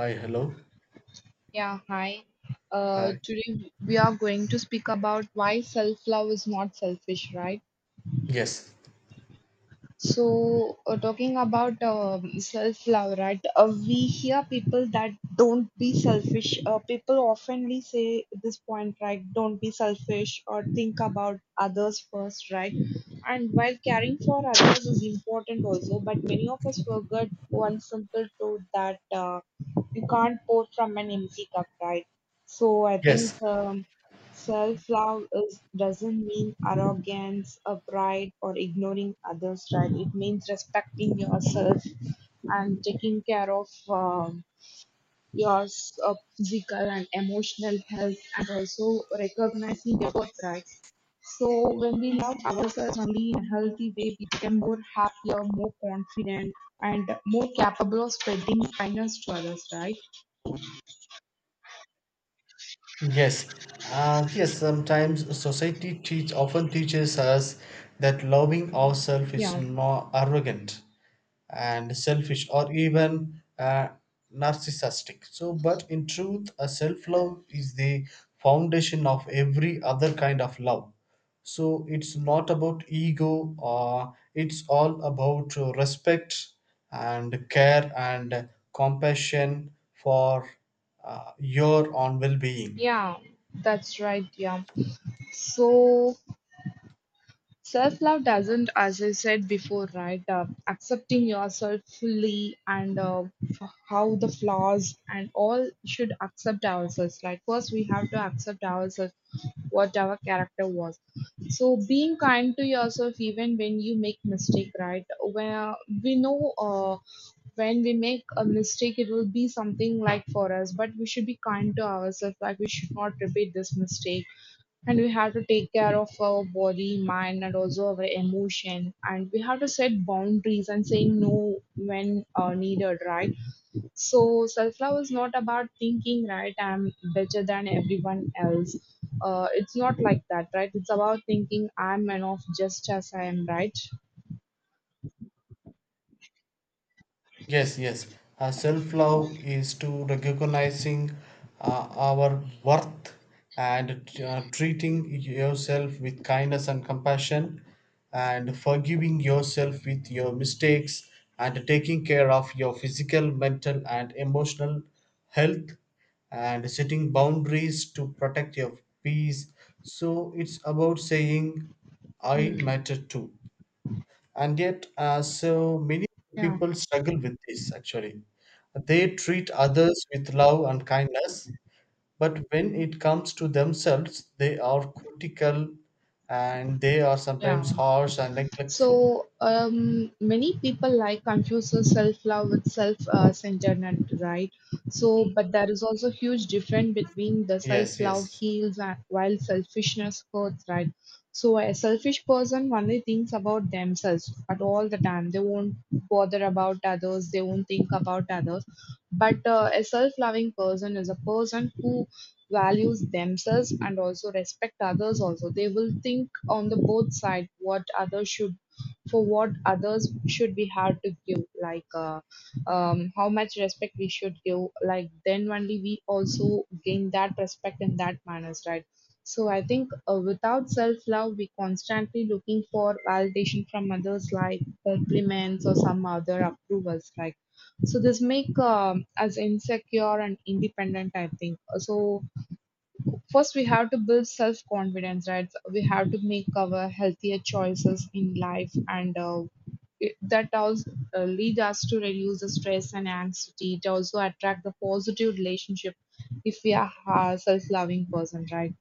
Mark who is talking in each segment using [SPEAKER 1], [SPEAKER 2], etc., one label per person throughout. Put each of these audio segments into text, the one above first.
[SPEAKER 1] Hi, hello.
[SPEAKER 2] Yeah, hi.
[SPEAKER 1] Hi.
[SPEAKER 2] Today we are going to speak about why self love is not selfish, right?
[SPEAKER 1] Yes.
[SPEAKER 2] So, talking about self-love, right? We hear people that don't be selfish. People oftenly say this point, right? Don't be selfish or think about others first, right? And while caring for others is important also, but many of us forget one simple truth that you can't pour from an empty cup, right? So I think
[SPEAKER 1] Yes.
[SPEAKER 2] self-love is doesn't mean arrogance or pride or ignoring others, right? It means respecting yourself and taking care of your physical and emotional health and also recognizing your birthright. So when we love ourselves only in a healthy way, we become more happier, more confident, and more capable of spreading kindness to others, right?
[SPEAKER 1] Yes, yes. Sometimes society teach often teaches us that loving ourselves is
[SPEAKER 2] Yeah.
[SPEAKER 1] not arrogant and selfish or even narcissistic. So, but in truth, a self-love is the foundation of every other kind of love. So it's not about ego, it's all about respect and care and compassion for your own well-being.
[SPEAKER 2] Yeah, that's right. Yeah. So self love doesn't, as I said before, right? Accepting yourself fully and how the flaws and all should accept ourselves. Like, first, we have to accept ourselves, what our character was. So, being kind to yourself, even when you make mistake, right? Where we know when we make a mistake, it will be something like for us, but we should be kind to ourselves, like, we should not repeat this mistake, and we have to take care of our body mind and also our emotion, and we have to set boundaries and saying no when needed, right? So self-love is not about thinking, right, I'm better than everyone else. It's not like that, right? It's about thinking I'm enough just as I am, right?
[SPEAKER 1] Yes, yes. Self love is to recognizing our worth and treating yourself with kindness and compassion, and forgiving yourself with your mistakes, and taking care of your physical, mental, and emotional health, and setting boundaries to protect your peace. So it's about saying, I
[SPEAKER 2] Hmm.
[SPEAKER 1] matter too, and yet so many
[SPEAKER 2] Yeah.
[SPEAKER 1] people struggle with this actually. They treat others with love and kindness, but when it comes to themselves they are critical, and they are
[SPEAKER 2] Yeah.
[SPEAKER 1] sometimes harsh and
[SPEAKER 2] So
[SPEAKER 1] neglectful.
[SPEAKER 2] many people like confuses self-love with self-centeredness, right? So, but there is also huge difference between the
[SPEAKER 1] yes
[SPEAKER 2] self-love
[SPEAKER 1] yes
[SPEAKER 2] heals and while selfishness hurts, right? So, a selfish person only thinks about themselves at all the time. They won't bother about others. They won't think about others. But a self-loving person is a person who values themselves and also respect others, also they will think on the both side what others should for what others should be hard to give, like, how much respect we should give. Like then only we also gain that respect in that manners, right? So I think without self-love, we constantly looking for validation from others, like compliments or some other approvals, like, so this make us insecure and independent, I think. So first we have to build self confidence, right? We have to make our healthier choices in life, and it, that also lead us to reduce the stress and anxiety. It also attract the positive relationship if we are a self-loving person, right?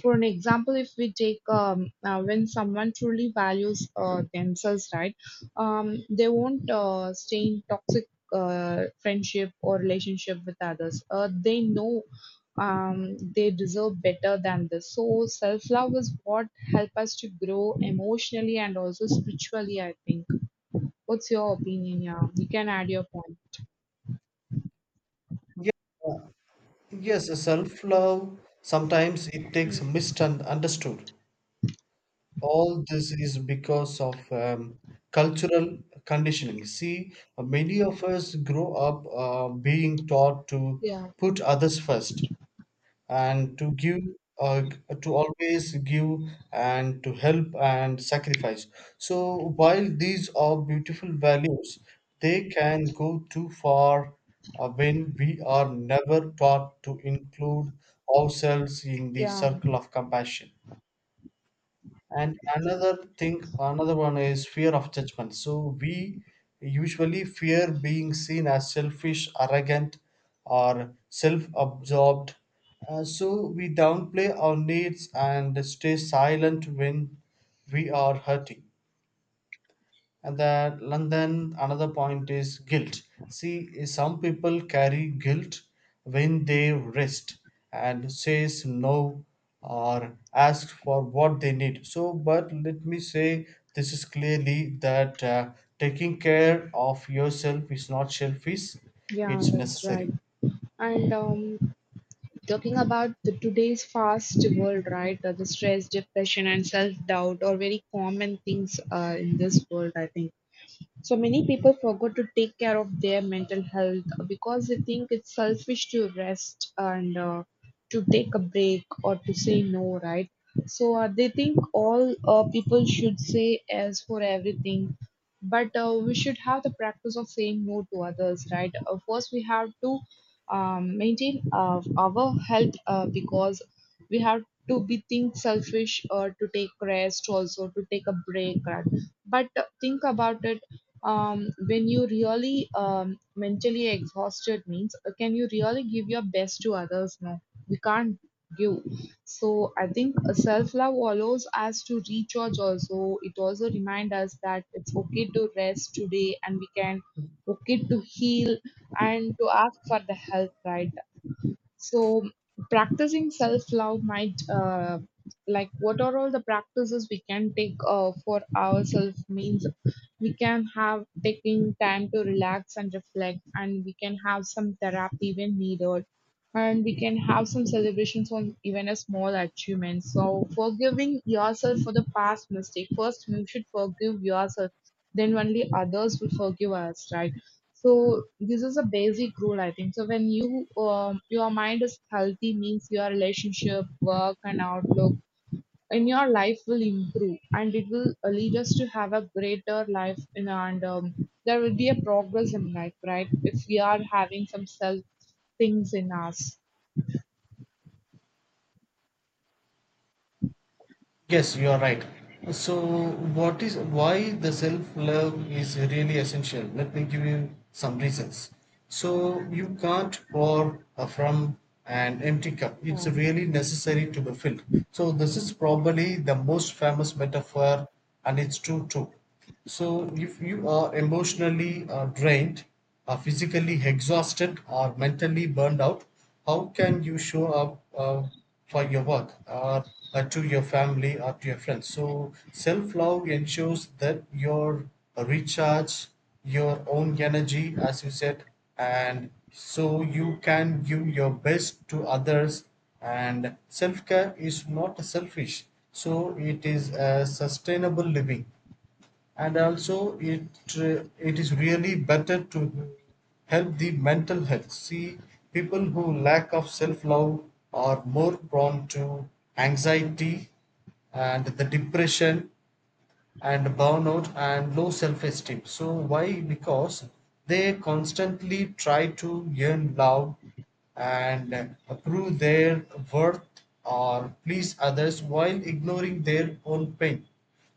[SPEAKER 2] For an example, if we take, when someone truly values themselves, right, they won't stay in toxic friendship or relationship with others. They know they deserve better than this. So self-love is what help us to grow emotionally and also spiritually, I think. What's your opinion? Yeah, you can add your point.
[SPEAKER 1] yes, yes Self love sometimes it takes misunderstood. All this is because of cultural conditioning. See, many of us grow up being taught to
[SPEAKER 2] Yeah,
[SPEAKER 1] put others first and to give, uh, to always give and to help and sacrifice. So, while these are beautiful values, they can go too far when we are never taught to include ourselves in the
[SPEAKER 2] yeah,
[SPEAKER 1] circle of compassion. And another thing, another one is fear of judgment. So we usually fear being seen as selfish, arrogant, or self absorbed. So we downplay our needs and stay silent when we are hurting. And that and then another point is guilt. See, some people carry guilt when they rest and says no or ask for what they need. So but let me say this is clearly that taking care of yourself is not selfish,
[SPEAKER 2] yeah,
[SPEAKER 1] it's
[SPEAKER 2] that's right.
[SPEAKER 1] necessary.
[SPEAKER 2] And talking about the today's fast world, right? The stress, depression and self doubt are very common things in this world, I think. So many people forget to take care of their mental health because they think it's selfish to rest, and to take a break or to say no, right? So they think all people should say yes for everything, but we should have the practice of saying no to others, right? Of course, we have to maintain our health because we have to be think selfish or to take rest, also to take a break, right? But think about it. When you really mentally exhausted means, can you really give your best to others? No, we can't give. So I think self love allows us to recharge. Also it also reminds us that it's okay to rest today and we can okay to heal and to ask for the help, right? So, practicing self love might, like, what are all the practices we can take for ourselves? Means we can have taking time to relax and reflect, and we can have some therapy when needed, and we can have some celebrations on even a small achievement. So, forgiving yourself for the past mistake. First, you should forgive yourself, then only others will forgive us, right? So this is a basic rule, I think. So when you your mind is healthy, means your relationship, work, and outlook in your life will improve, and it will lead us to have a greater life. In, and there will be a progress in life, right? If we are having some self things in us,
[SPEAKER 1] Yes, you are right. So, what is why the self love is really essential? Let me give you some reasons. So, you can't pour from an empty cup, it's
[SPEAKER 2] yeah,
[SPEAKER 1] really necessary to be filled. So, this is probably the most famous metaphor, and it's true too. So, if you are emotionally drained, physically exhausted, or mentally burned out, how can you show up for your work or to your family or to your friends? So, self love ensures that your recharge your own energy, as you said, and so you can give your best to others. And self care is not selfish, so it is a sustainable living, and also it is really better to help the mental health. See, people who lack of self love are more prone to anxiety and the depression and burnout and low self-esteem. So why? Because they constantly try to earn love and prove their worth or please others while ignoring their own pain.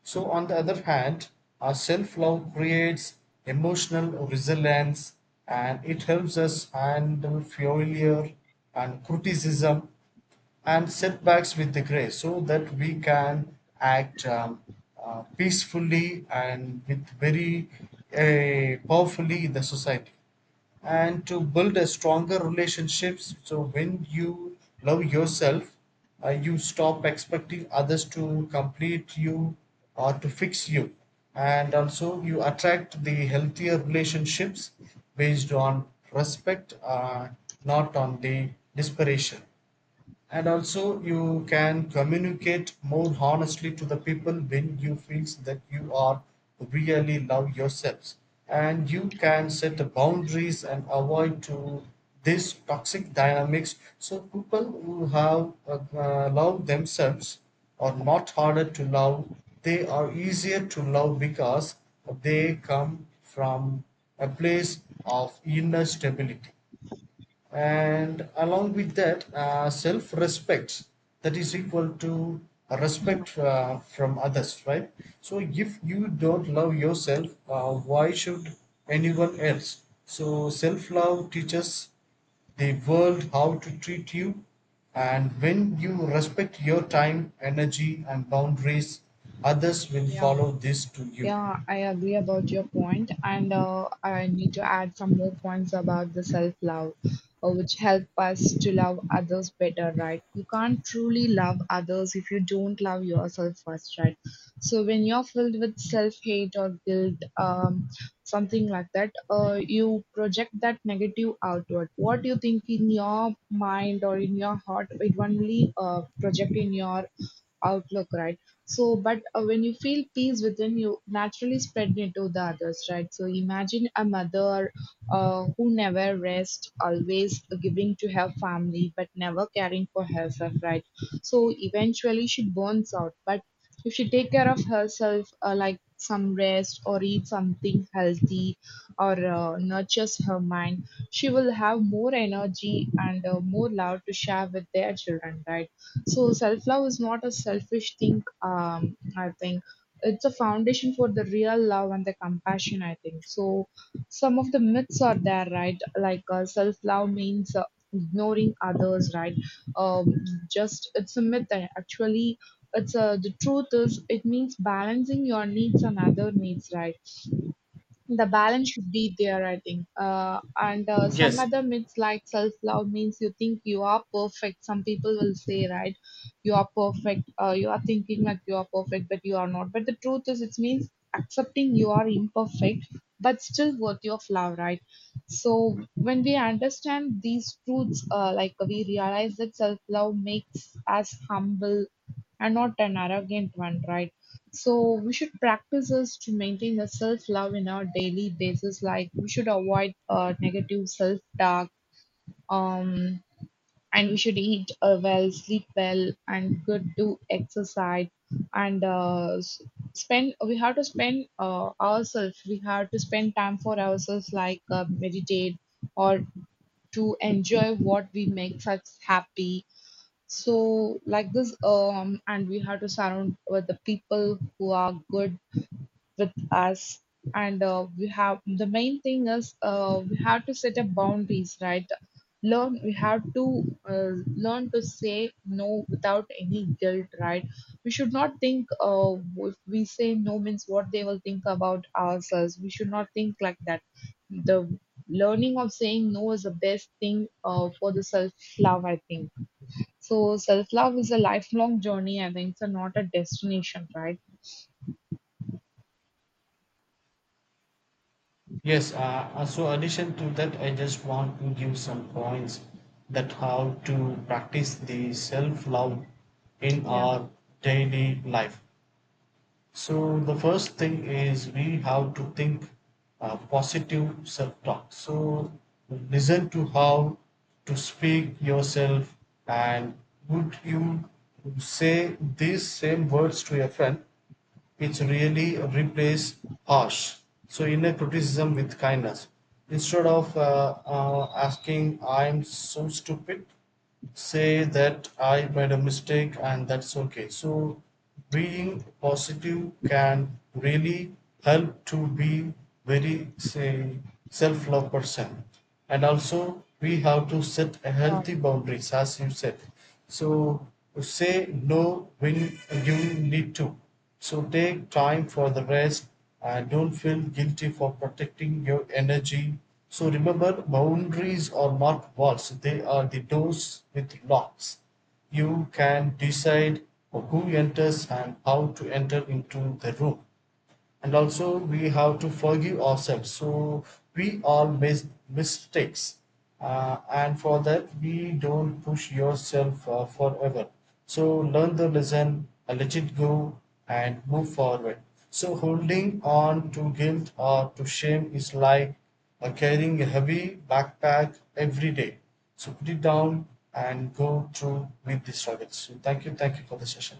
[SPEAKER 1] So on the other hand, our self-love creates emotional resilience, and it helps us handle failure and criticism and setbacks with the grace, so that we can act peacefully and with very powerfully in the society, and to build a stronger relationships. So when you love yourself, you stop expecting others to complete you or to fix you, and also you attract the healthier relationships based on respect, not on the desperation. And also you can communicate more honestly to the people when you feels that you are really love yourselves, and you can set the boundaries and avoid to this toxic dynamics. So people who have love themselves are not harder to love, they are easier to love because they come from a place of inner stability, and along with that self-respect, that is equal to
[SPEAKER 2] yeah,
[SPEAKER 1] respect from others, right? So if you don't love yourself, why should anyone else? So self-love teaches the world how to treat you, and when you respect your time, energy and boundaries, others will
[SPEAKER 2] yeah.
[SPEAKER 1] follow this to you.
[SPEAKER 2] Yeah, I agree about your point, and I need to add some more points about the self-love, which help us to love others better, right? You can't truly love others if you don't love yourself first, right? So when you're filled with self-hate or guilt, something like that, you project that negative outward. What you think in your mind or in your heart, it only project in your outlook, right? So, but when you feel peace within, you naturally spread it to the others, right? So, imagine a mother who never rests, always giving to her family, but never caring for herself, right? So, eventually she burns out. But if she take care of herself, like some rest or eat something healthy or nurtures her mind, she will have more energy and more love to share with their children, right? So self love is not a selfish thing. I think it's a foundation for the real love and the compassion. I think so. Some of the myths are there, right? Like self love means ignoring others, right? um just it's a myth, actually. It's, the truth is it means balancing your needs and other needs, right? The balance should be there, I think. And some
[SPEAKER 1] Yes.
[SPEAKER 2] other myths like self love means you think you are perfect, some people will say, right, you are perfect. You are thinking like you are perfect but you are not, but the truth is it means accepting you are imperfect but still worthy of love, right? So when we understand these truths, like we realize that self love makes us humble and not an arrogant one, right? So we should practice this to maintain the self-love in our daily basis. Like we should avoid negative self-talk, um, and we should eat well, sleep well, and good do exercise, and spend. We have to spend ourselves. We have to spend time for ourselves, like meditate or to enjoy what we makes us happy. So like this, and we have to surround with the people who are good with us, and we have, the main thing is we have to set up boundaries, right? Learn, we have to uh, learn to say no without any guilt, right? We should not think, if we say no means what they will think about ourselves, we should not think like that. The learning of saying no is the best thing for the self love, I think. So self love is a lifelong journey, I think. It's not a destination, right?
[SPEAKER 1] Yes, uh, so addition to that, I just want to give some points that how to practice the self-love in
[SPEAKER 2] Yeah,
[SPEAKER 1] our daily life. So the first thing is we have to think positive self-talk. So listen to how to speak yourself, and would you say these same words to your friend, which really replace harsh. So inner criticism with kindness. Instead of asking, I'm so stupid, say that I made a mistake and that's okay. So being positive can really help to be very say self-love person. And also we have to set a healthy
[SPEAKER 2] yeah.
[SPEAKER 1] boundaries, as you said. So say no when you need to. So take time for the rest, and don't feel guilty for protecting your energy. So remember, boundaries are not walls, they are the doors with locks. You can decide who enters and how to enter into the room. And also we have to forgive ourselves. So we all make mistakes, and for that we don't push yourself forever. So learn the lesson, let it go and move forward. So holding on to guilt or to shame is like carrying a heavy backpack every day. So put it down and go through with the struggles. So thank you, thank you for the session.